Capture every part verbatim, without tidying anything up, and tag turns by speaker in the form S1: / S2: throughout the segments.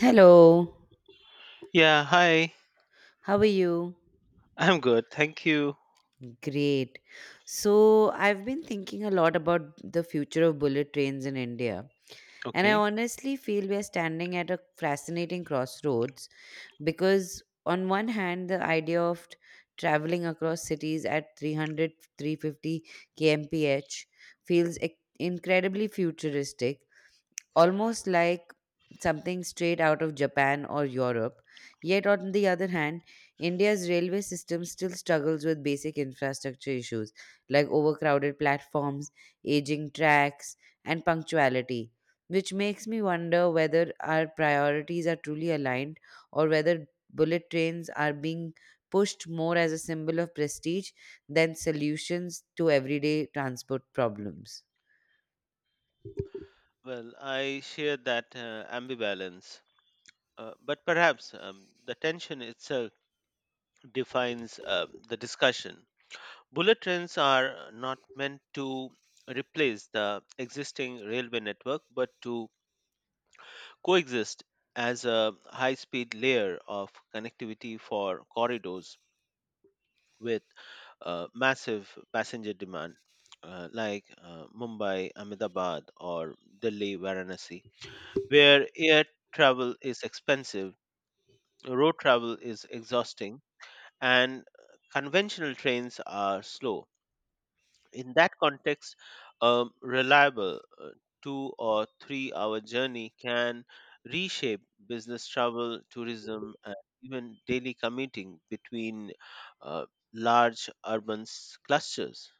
S1: Hello,
S2: Yeah, hi.
S1: how are you?
S2: I'm good. Thank you.
S1: Great. So, I've been thinking a lot about the future of bullet trains in India. And I
S2: Okay.
S1: honestly feel we are standing at a fascinating crossroads because, on one hand, the idea of t- traveling across cities at three hundred, three hundred fifty three hundred fifty kmph feels ec- incredibly futuristic, almost like something straight out of Japan or Europe. Yet, on the other hand, India's railway system still struggles with basic infrastructure issues like overcrowded platforms, aging tracks, and punctuality, which makes me wonder whether our priorities are truly aligned or whether bullet trains are being pushed more as a symbol of prestige than solutions to everyday transport problems.
S2: Well, I share that uh, ambivalence, uh, but perhaps um, the tension itself defines uh, the discussion. Bullet trains are not meant to replace the existing railway network, but to coexist as a high speed layer of connectivity for corridors with uh, massive passenger demand uh, like uh, Mumbai, Ahmedabad, or Delhi, Varanasi, where air travel is expensive, road travel is exhausting, and conventional trains are slow in that context. Um, reliable uh, two or three hour journey can reshape business travel, tourism, and even daily commuting between uh, large urban s- clusters.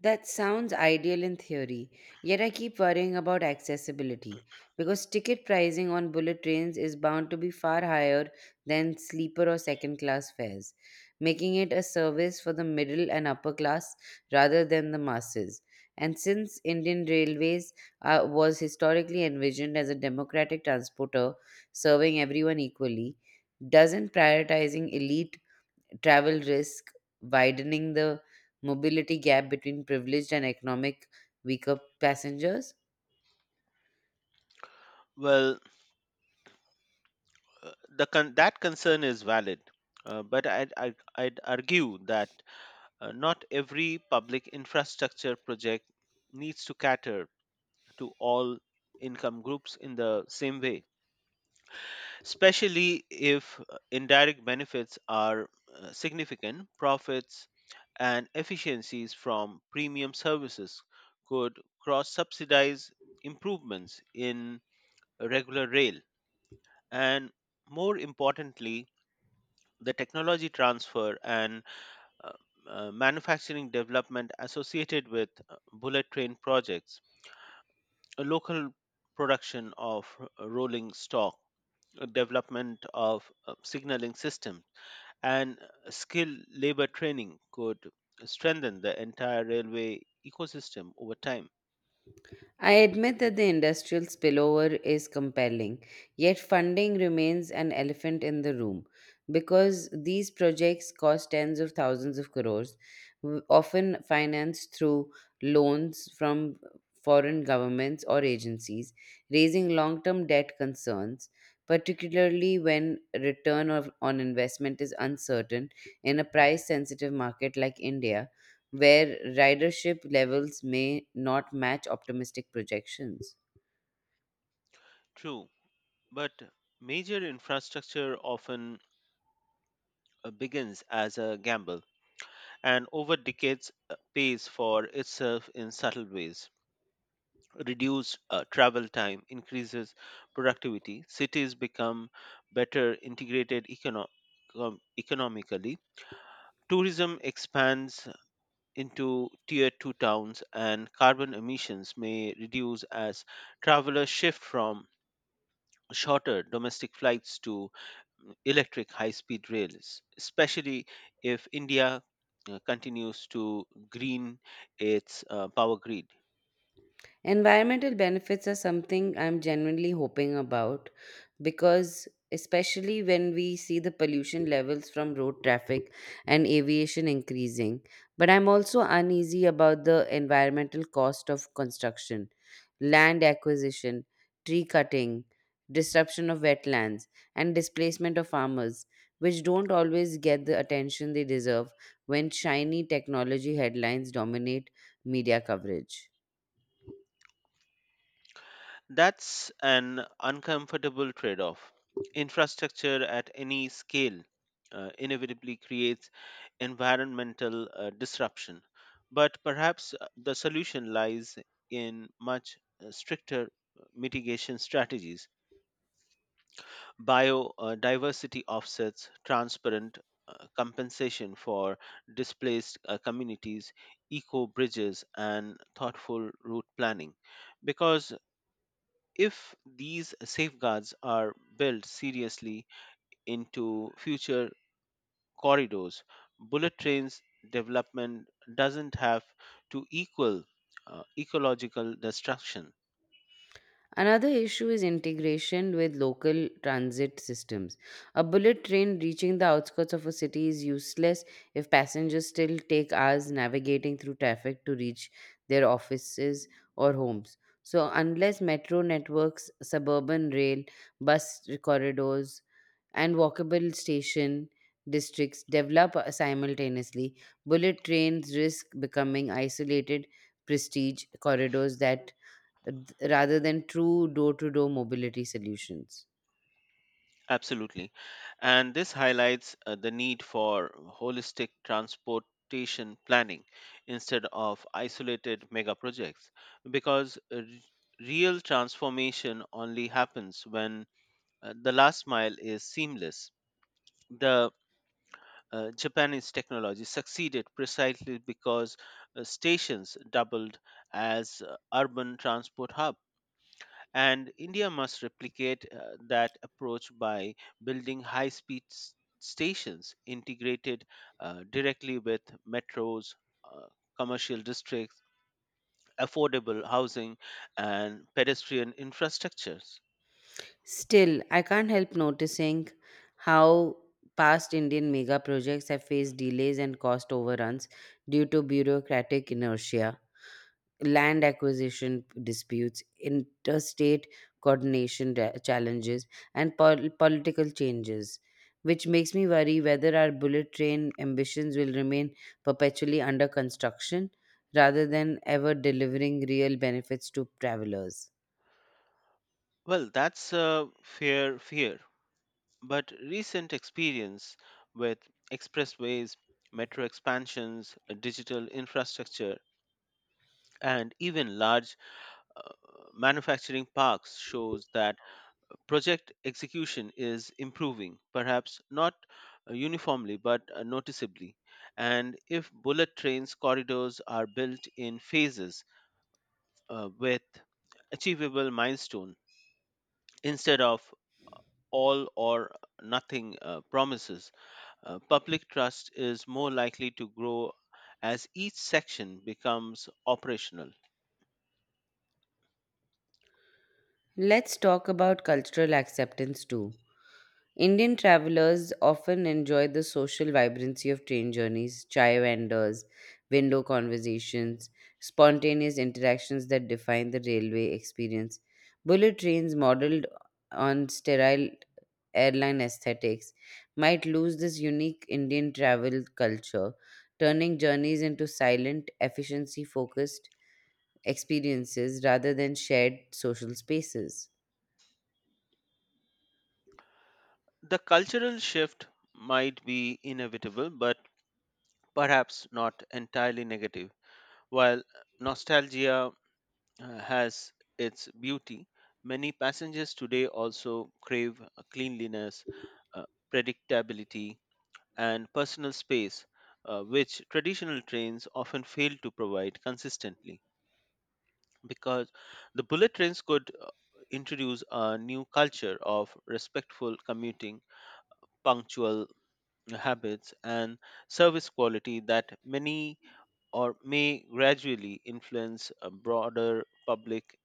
S1: That sounds ideal in theory, yet I keep worrying about accessibility because ticket pricing on bullet trains is bound to be far higher than sleeper or second class fares, making it a service for the middle and upper class rather than the masses. And since Indian Railways uh, was historically envisioned as a democratic transporter serving everyone equally, doesn't prioritizing elite travel risk, widening the mobility gap between privileged and economic weaker passengers?
S2: Well, uh, the con- that concern is valid, uh, but I'd, I'd, I'd argue that uh, not every public infrastructure project needs to cater to all income groups in the same way, especially if uh, indirect benefits are uh, significant. Profits and efficiencies from premium services could cross subsidize improvements in regular rail. And more importantly, the technology transfer and uh, uh, manufacturing development associated with uh, bullet train projects, a local production of uh, rolling stock, uh, development of uh, signaling system and skilled labor training could strengthen the entire railway ecosystem over time.
S1: I admit that the industrial spillover is compelling, yet funding remains an elephant in the room because these projects cost tens of thousands of crores, w- often financed through loans from foreign governments or agencies, raising long term debt concerns, particularly when return of, on investment is uncertain in a price sensitive market like India where ridership levels may not match optimistic projections.
S2: True, but major infrastructure often uh, begins as a gamble and over decades uh, pays for itself in subtle ways. Reduced uh, travel time increases productivity, cities become better integrated econo- com- economically, tourism expands into tier two towns, and carbon emissions may reduce as travelers shift from shorter domestic flights to electric high speed rails, especially if India uh, continues to green its uh, power grid.
S1: Environmental benefits are something I'm genuinely hoping about because, especially when we see the pollution levels from road traffic and aviation increasing. But I'm also uneasy about the environmental cost of construction, land acquisition, tree cutting, disruption of wetlands, and displacement of farmers, which don't always get the attention they deserve when shiny technology headlines dominate media coverage.
S2: That's an uncomfortable trade off. Infrastructure at any scale uh, inevitably creates environmental uh, disruption, but perhaps uh, the solution lies in much uh, stricter mitigation strategies, biodiversity offsets, transparent uh, compensation for displaced uh, communities, eco bridges, and thoughtful route planning. Because if these safeguards are built seriously into future corridors, bullet trains development doesn't have to equal uh, ecological destruction.
S1: Another issue is integration with local transit systems. A bullet train reaching the outskirts of a city is useless if passengers still take hours navigating through traffic to reach their offices or homes. So, unless metro networks, suburban rail, bus corridors, and walkable station districts develop uh, simultaneously, bullet trains risk becoming isolated prestige corridors that uh, rather than true door to door mobility solutions.
S2: Absolutely. And this highlights uh, the need for holistic transportation planning instead of isolated mega projects, because uh, re- real transformation only happens when uh, the last mile is seamless. The uh, Japanese technology succeeded precisely because uh, stations doubled as uh, urban transport hubs, and India must replicate uh, that approach by building high speed stations integrated uh, directly with metros, uh, commercial districts, affordable housing, and pedestrian infrastructures.
S1: Still, I can't help noticing how past Indian mega projects have faced delays and cost overruns due to bureaucratic inertia, land acquisition disputes, interstate coordination da- challenges, and pol- political changes. Which makes me worry whether our bullet train ambitions will remain perpetually under construction rather than ever delivering real benefits to travelers.
S2: Well, that's a fair fear, but recent experience with expressways, metro expansions, digital infrastructure, and even large uh, manufacturing parks shows that project execution is improving, perhaps not uh, uniformly but uh, noticeably. And if bullet trains corridors are built in phases uh, with achievable milestone instead of all or nothing uh, promises, uh, public trust is more likely to grow as each section becomes operational.
S1: Let's talk about cultural acceptance too. Indian travelers often enjoy the social vibrancy of train journeys, chai vendors, window conversations, spontaneous interactions that define the railway experience. Bullet trains modeled on sterile airline aesthetics might lose this unique Indian travel culture, turning journeys into silent, efficiency focused experiences rather than shared social spaces.
S2: The cultural shift might be inevitable, but perhaps not entirely negative. While nostalgia uh, has its beauty, many passengers today also crave uh, cleanliness, uh, predictability, and personal space, uh, which traditional trains often fail to provide consistently. Because the bullet trains could uh, introduce a new culture of respectful commuting, punctual habits, and service quality that many or may gradually influence uh, broader public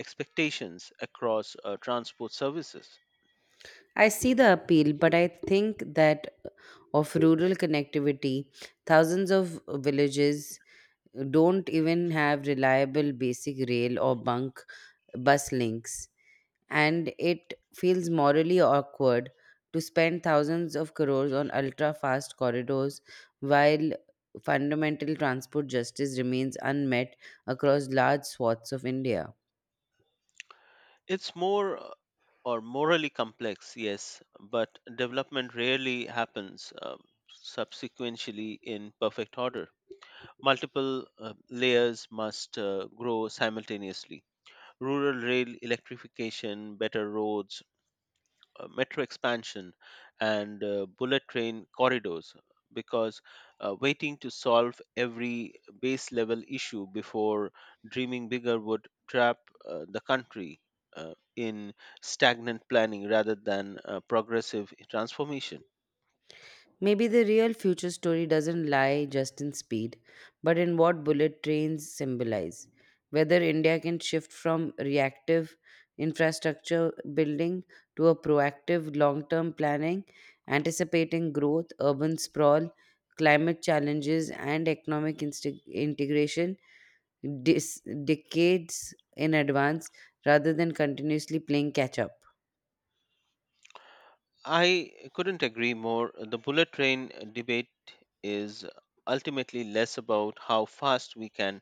S2: expectations across uh, transport services.
S1: I see the appeal, but I think that of rural connectivity, thousands of villages don't even have reliable basic rail or bunk bus links, and it feels morally awkward to spend thousands of crores on ultra fast corridors while fundamental transport justice remains unmet across large swaths of India.
S2: It's more uh, or morally complex, yes, but development rarely happens um, subsequently in perfect order. Multiple uh, layers must uh, grow simultaneously. Rural rail electrification, better roads, uh, metro expansion, and uh, bullet train corridors, because uh, waiting to solve every base level issue before dreaming bigger would trap uh, the country uh, in stagnant planning rather than uh, progressive transformation.
S1: Maybe the real future story doesn't lie just in speed, but in what bullet trains symbolize. Whether India can shift from reactive infrastructure building to a proactive long term planning, anticipating growth, urban sprawl, climate challenges, and economic insti- integration dis- decades in advance rather than continuously playing catch up.
S2: I couldn't agree more. The bullet train debate is ultimately less about how fast we can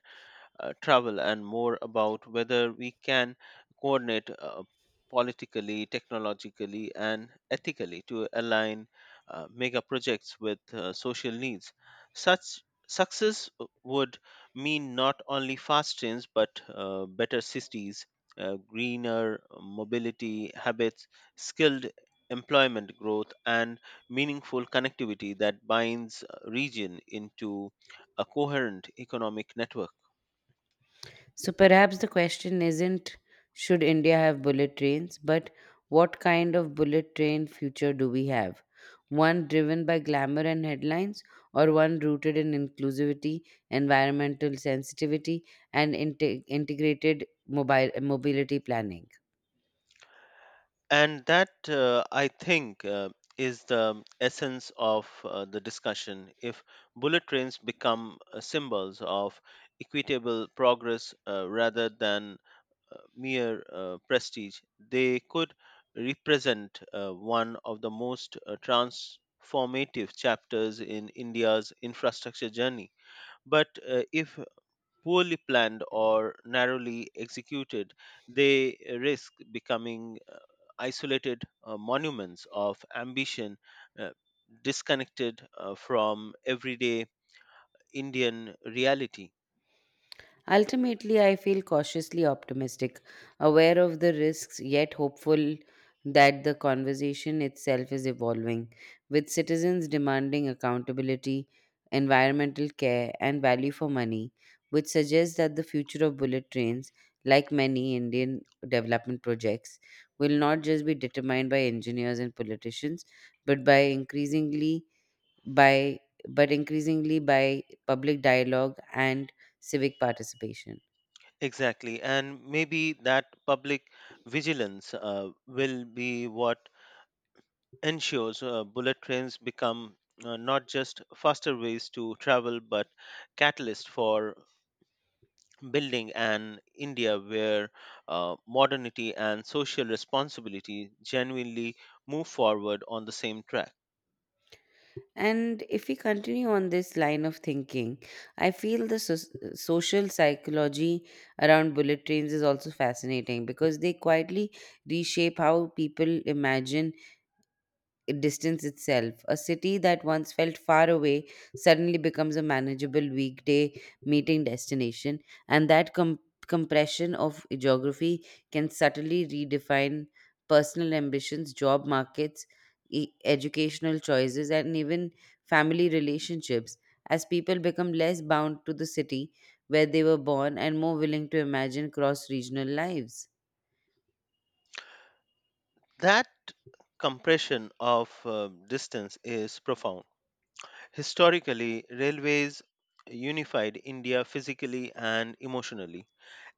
S2: uh, travel and more about whether we can coordinate uh, politically, technologically, and ethically to align uh, mega projects with uh, social needs. Such success would mean not only fast trains but uh, better cities, uh, greener mobility habits, skilled employment growth, and meaningful connectivity that binds uh, region into a coherent economic network.
S1: So perhaps the question isn't should India have bullet trains, but what kind of bullet train future do we have? One driven by glamour and headlines, or one rooted in inclusivity, environmental sensitivity, and inte- integrated mobile mobility planning?
S2: And that, uh, I think, uh, is the essence of uh, the discussion. If bullet trains become uh, symbols of equitable progress uh, rather than uh, mere uh, prestige, they could represent uh, one of the most uh, transformative chapters in India's infrastructure journey. But uh, if poorly planned or narrowly executed, they risk becoming uh, isolated uh, monuments of ambition, uh, disconnected uh, from everyday Indian reality.
S1: Ultimately, I feel cautiously optimistic, aware of the risks, yet hopeful that the conversation itself is evolving, with citizens demanding accountability, environmental care, and value for money, which suggests that the future of bullet trains, like many Indian development projects, will not just be determined by engineers and politicians, but by increasingly by but increasingly by public dialogue and civic participation.
S2: Exactly, and maybe that public vigilance uh, will be what ensures uh, bullet trains become uh, not just faster ways to travel but catalyst for building an India where uh, modernity and social responsibility genuinely move forward on the same track.
S1: And if we continue on this line of thinking I feel the so- social psychology around bullet trains is also fascinating because they quietly reshape how people imagine distance itself. A city that once felt far away suddenly becomes a manageable weekday meeting destination, and that com- compression of geography can subtly redefine personal ambitions, job markets, e- educational choices, and even family relationships as people become less bound to the city where they were born and more willing to imagine cross regional lives.
S2: That compression of uh, distance is profound. Historically, railways unified India physically and emotionally,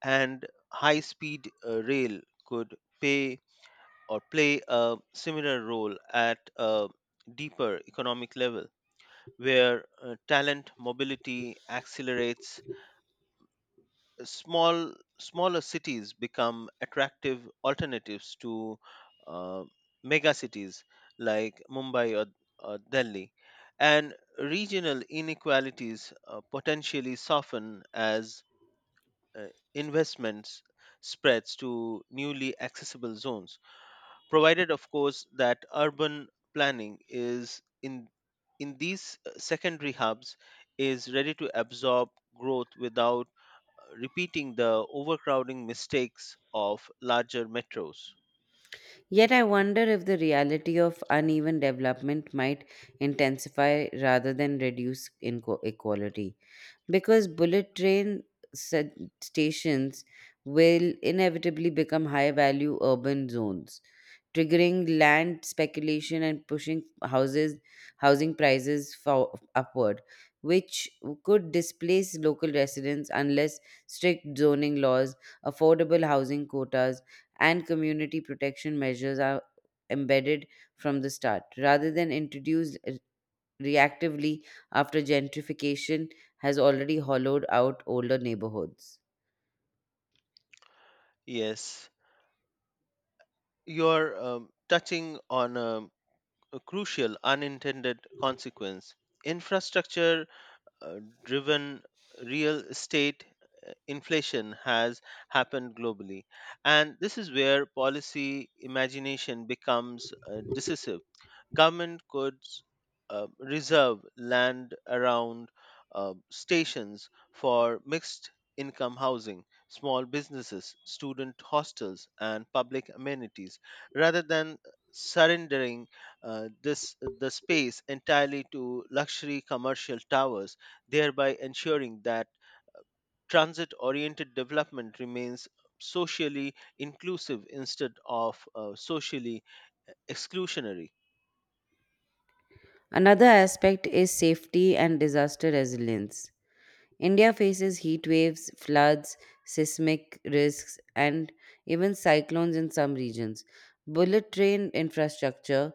S2: and high speed rail could pay or play a similar role at a deeper economic level, where uh, talent mobility accelerates, small smaller cities become attractive alternatives to uh, mega cities like Mumbai or, or Delhi, and regional inequalities uh, potentially soften as uh, investments spreads to newly accessible zones, provided, of course, that urban planning is in in these uh, secondary hubs is ready to absorb growth without repeating the overcrowding mistakes of larger metros.
S1: Yet I wonder if the reality of uneven development might intensify rather than reduce inequality. Because bullet train sa- stations will inevitably become high value urban zones, triggering land speculation and pushing houses housing prices for, upward, which could displace local residents unless strict zoning laws, affordable housing quotas, and community protection measures are embedded from the start rather than introduced re- reactively after gentrification has already hollowed out older neighborhoods.
S2: Yes, you're um, touching on a, a crucial unintended consequence. Infrastructure uh, driven real estate inflation has happened globally, and this is where policy imagination becomes uh, decisive. Government could uh, reserve land around uh, stations for mixed income housing, small businesses, student hostels, and public amenities, rather than surrendering uh, this the space entirely to luxury commercial towers, thereby ensuring that transit-oriented development remains socially inclusive instead of uh, socially uh, exclusionary.
S1: Another aspect is safety and disaster resilience. India faces heat waves, floods, seismic risks, and even cyclones in some regions. Bullet train infrastructure,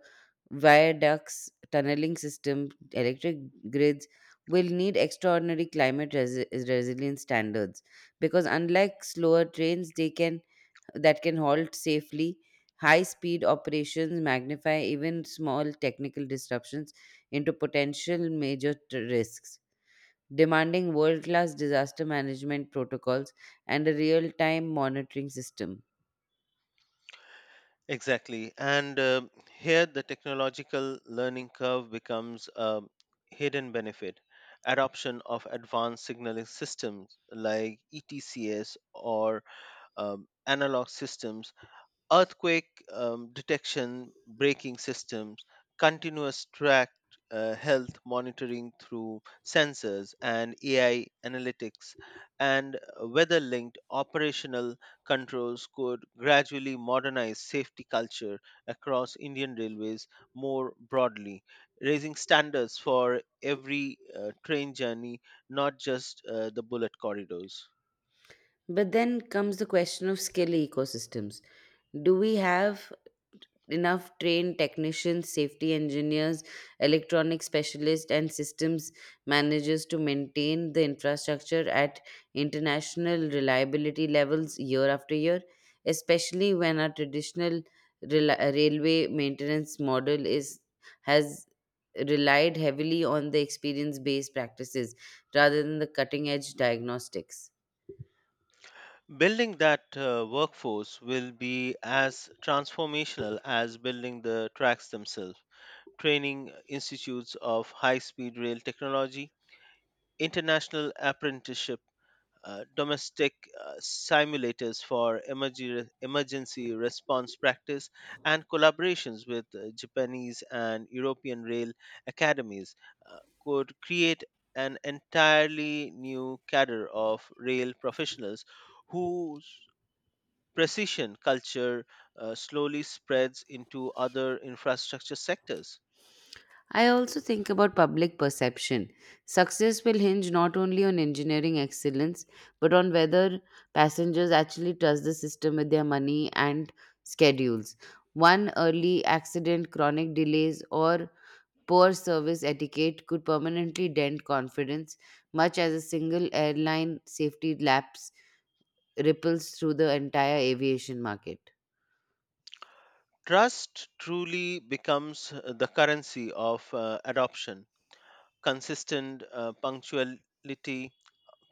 S1: viaducts, tunneling system, electric grids will need extraordinary climate resi- resilience standards because unlike slower trains they can that can halt safely, high speed operations magnify even small technical disruptions into potential major t- risks, demanding world class disaster management protocols and a real time monitoring system.
S2: Exactly. And um here the technological learning curve becomes a hidden benefit. Adoption of advanced signaling systems like E T C S or um, analog systems, earthquake um, detection braking systems, continuous track uh, health monitoring through sensors and A I analytics, and weather linked operational controls could gradually modernize safety culture across Indian railways more broadly, raising standards for every uh, train journey, not just uh, the bullet corridors.
S1: But then comes the question of skill ecosystems. Do we have enough trained technicians, safety engineers, electronic specialists, and systems managers to maintain the infrastructure at international reliability levels year after year, especially when our traditional rel- railway maintenance model is has relied heavily on the experience based practices rather than the cutting edge diagnostics.
S2: Building that uh, workforce will be as transformational as building the tracks themselves. Training institutes of high speed rail technology, international apprenticeship, uh, domestic uh, simulators for emerg- emergency response practice, and collaborations with uh, Japanese and European rail academies uh, could create an entirely new cadre of rail professionals whose precision culture uh, slowly spreads into other infrastructure sectors.
S1: I also think about public perception. Success will hinge not only on engineering excellence, but on whether passengers actually trust the system with their money and schedules. One early accident, chronic delays, or poor service etiquette could permanently dent confidence, much as a single airline safety lapse ripples through the entire aviation market.
S2: Trust truly becomes uh, the currency of uh, adoption. Consistent uh, punctuality,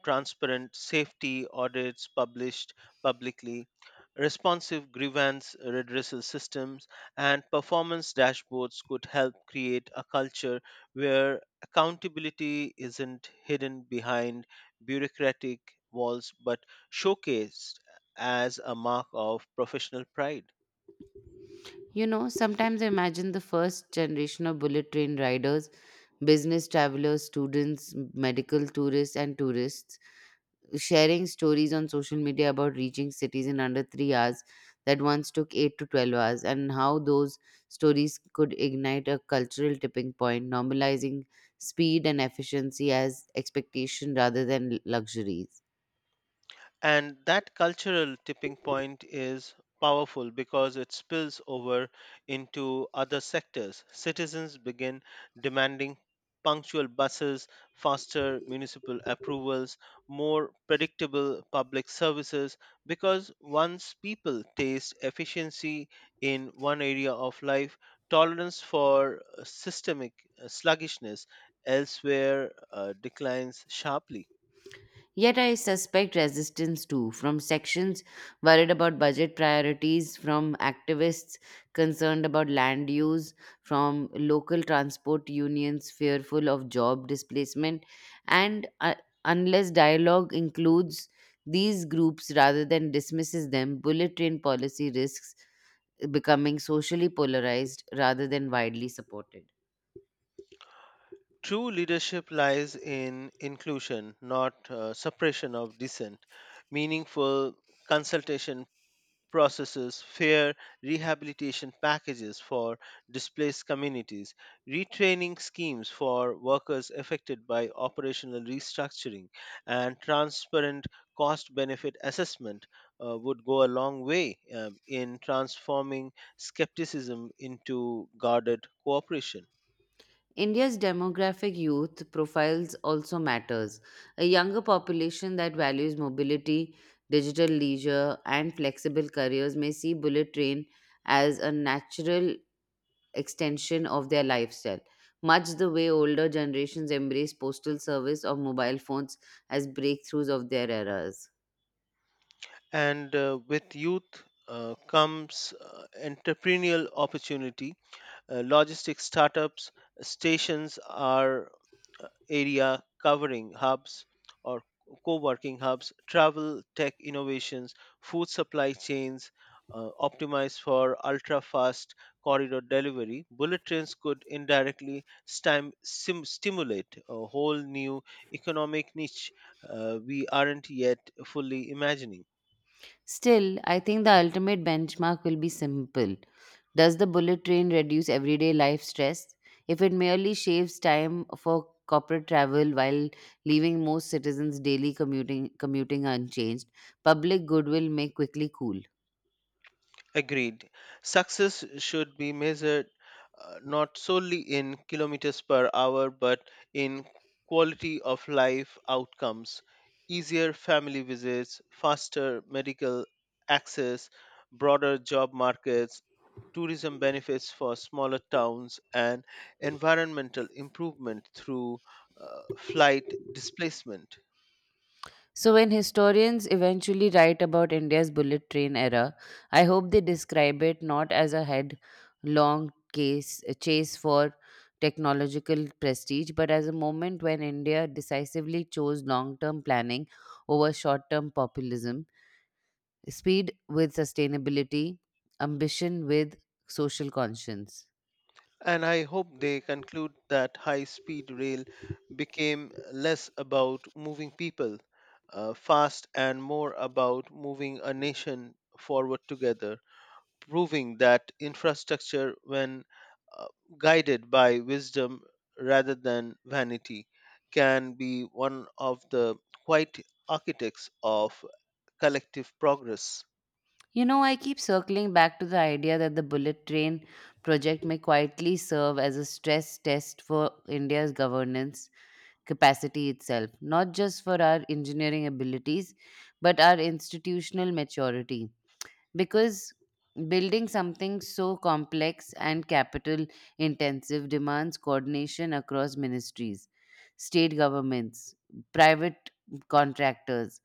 S2: transparent safety audits published publicly, responsive grievance redressal systems, and performance dashboards could help create a culture where accountability isn't hidden behind bureaucratic walls but showcased as a mark of professional pride.
S1: You know, sometimes I imagine the first generation of bullet train riders, business travelers, students, medical tourists, and tourists sharing stories on social media about reaching cities in under three hours that once took eight to twelve hours, and how those stories could ignite a cultural tipping point, normalizing speed and efficiency as expectation rather than luxuries.
S2: And that cultural tipping point is powerful because it spills over into other sectors. Citizens begin demanding punctual buses, faster municipal approvals, more predictable public services, because once people taste efficiency in one area of life, tolerance for uh, systemic uh, sluggishness elsewhere uh, declines sharply.
S1: Yet I suspect resistance too, from sections worried about budget priorities, from activists concerned about land use, from local transport unions fearful of job displacement. And uh, unless dialogue includes these groups rather than dismisses them, bullet train policy risks becoming socially polarized rather than widely supported.
S2: True leadership lies in inclusion, not uh, suppression of dissent, meaningful consultation processes, fair rehabilitation packages for displaced communities, retraining schemes for workers affected by operational restructuring, and transparent cost benefit assessment uh, would go a long way um, in transforming skepticism into guarded cooperation.
S1: India's demographic youth profiles also matters. A younger population that values mobility, digital leisure, and flexible careers may see bullet train as a natural extension of their lifestyle, much the way older generations embrace postal service or mobile phones as breakthroughs of their eras.
S2: And uh, with youth uh, comes uh, entrepreneurial opportunity, uh, logistics startups, stations are uh, area covering hubs or co-working hubs, travel tech innovations, food supply chains uh, optimized for ultra fast corridor delivery. Bullet trains could indirectly stim- sim- stimulate a whole new economic niche uh, we aren't yet fully imagining.
S1: Still, I think the ultimate benchmark will be simple. Does the bullet train reduce everyday life stress? If it merely shaves time for corporate travel while leaving most citizens' daily commuting commuting unchanged, public goodwill may quickly cool.
S2: Agreed. Success should be measured uh, not solely in kilometers per hour but in quality of life outcomes, easier family visits, faster medical access, broader job markets, tourism benefits for smaller towns, and environmental improvement through uh, flight displacement.
S1: So, when historians eventually write about India's bullet train era, I hope they describe it not as a headlong case, a chase for technological prestige, but as a moment when India decisively chose long term planning over short term populism, speed with sustainability, ambition with social conscience.
S2: And I hope they conclude that high speed rail became less about moving people uh, fast and more about moving a nation forward together, proving that infrastructure, when uh, guided by wisdom rather than vanity, can be one of the quiet architects of collective progress.
S1: You know, I keep circling back to the idea that the bullet train project may quietly serve as a stress test for India's governance capacity itself, not just for our engineering abilities, but our institutional maturity. Because building something so complex and capital intensive demands coordination across ministries, state governments, private contractors,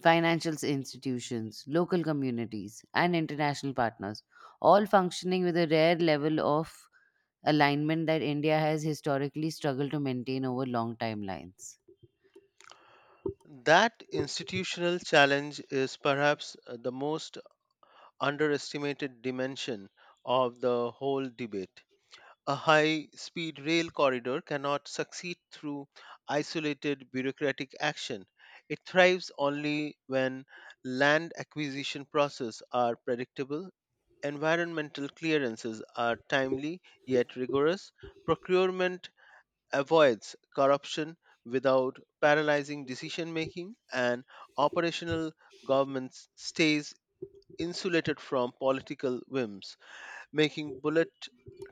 S1: financial institutions, local communities, and international partners, all functioning with a rare level of alignment that India has historically struggled to maintain over long timelines.
S2: That institutional challenge is perhaps uh, the most underestimated dimension of the whole debate. A high speed rail corridor cannot succeed through isolated bureaucratic action. It thrives only when land acquisition processes are predictable, environmental clearances are timely yet rigorous, procurement avoids corruption without paralyzing decision making, and operational government stays insulated from political whims, making bullet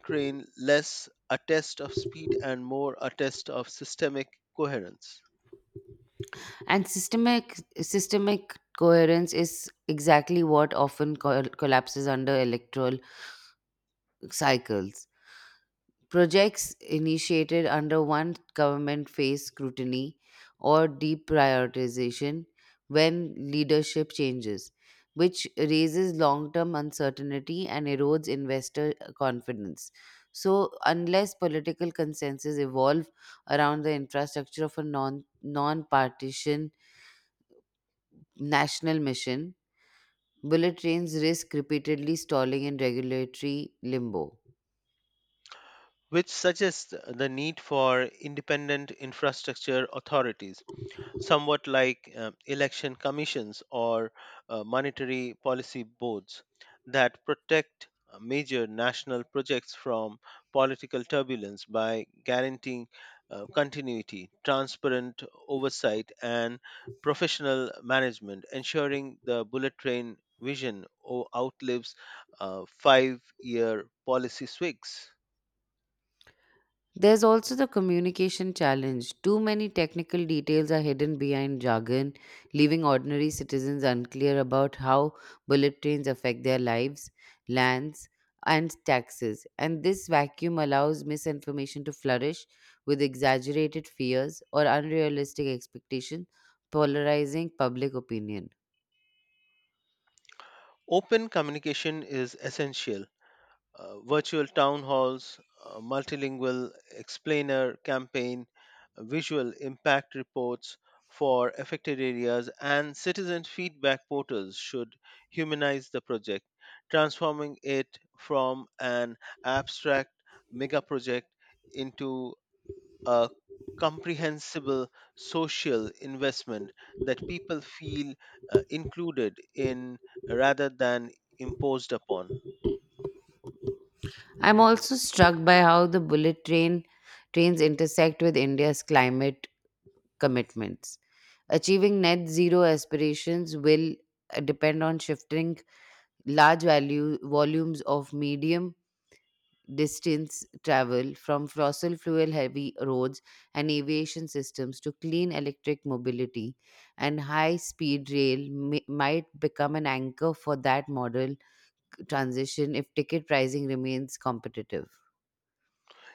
S2: train less a test of speed and more a test of systemic coherence,
S1: And systemic systemic coherence is exactly what often col- collapses under electoral cycles. Projects initiated under one government face scrutiny or deprioritization when leadership changes, which raises long term uncertainty and erodes investor confidence. So, unless political consensus evolve around the infrastructure of a non non partition national mission, bullet trains risk repeatedly stalling in regulatory limbo.
S2: which suggests the need for independent infrastructure authorities somewhat like uh, election commissions or uh, monetary policy boards that protect uh, major national projects from political turbulence by guaranteeing uh, continuity, transparent oversight, and professional management, ensuring the bullet train vision o- outlives uh, five year policy swigs.
S1: There's also the communication challenge. Too many technical details are hidden behind jargon, leaving ordinary citizens unclear about how bullet trains affect their lives, lands, and taxes. And this vacuum allows misinformation to flourish with exaggerated fears or unrealistic expectations, polarizing public opinion.
S2: Open communication is essential, uh, virtual town halls, uh, multilingual explainer campaign, uh, visual impact reports for affected areas, and citizen feedback portals should humanize the project, transforming it from an abstract mega project into a comprehensible social investment that people feel uh, included in rather than imposed upon.
S1: I'm also struck by how the bullet train trains intersect with India's climate commitments. Achieving net zero aspirations will uh, depend on shifting large value volumes of medium distance travel from fossil fuel heavy roads and aviation systems to clean electric mobility, and high speed rail mi- might become an anchor for that model transition if ticket pricing remains competitive.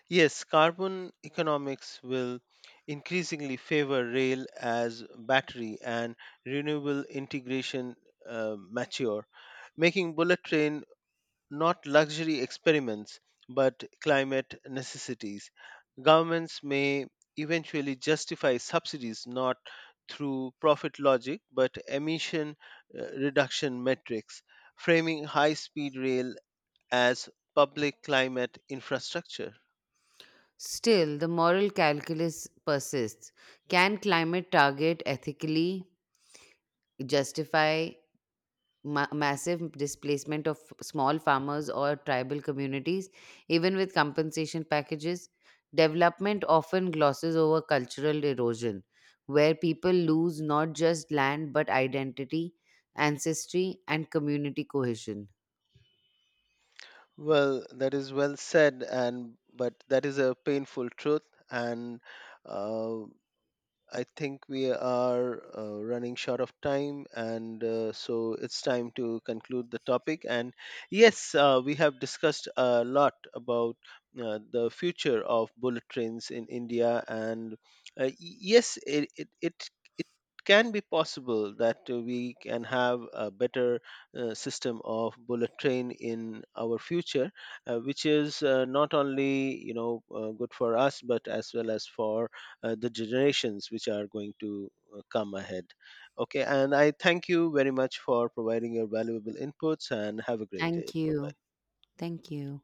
S2: Yes, carbon economics will increasingly favor rail as battery and renewable integration uh, mature, making bullet train not luxury experiments but climate necessities. Governments may eventually justify subsidies not through profit logic but emission uh, reduction metrics, framing high speed rail as public climate infrastructure.
S1: Still, the moral calculus persists. Can climate target ethically justify ma- massive displacement of small farmers or tribal communities, even with compensation packages? Development often glosses over cultural erosion, where people lose not just land but identity, ancestry, and community cohesion.
S2: Well, that is well said, and but that is a painful truth, and uh, I think we are uh, running short of time, and uh, so it's time to conclude the topic. And yes, uh, we have discussed a lot about uh, the future of bullet trains in India, and uh, y- yes, it it it. it can be possible that uh, we can have a better uh, system of bullet train in our future uh, which is uh, not only you know uh, good for us but as well as for uh, the generations which are going to uh, come ahead. Okay, and I thank you very much for providing your valuable inputs and have a great day.
S1: Thank
S2: Bye
S1: you.
S2: bye.
S1: Thank you.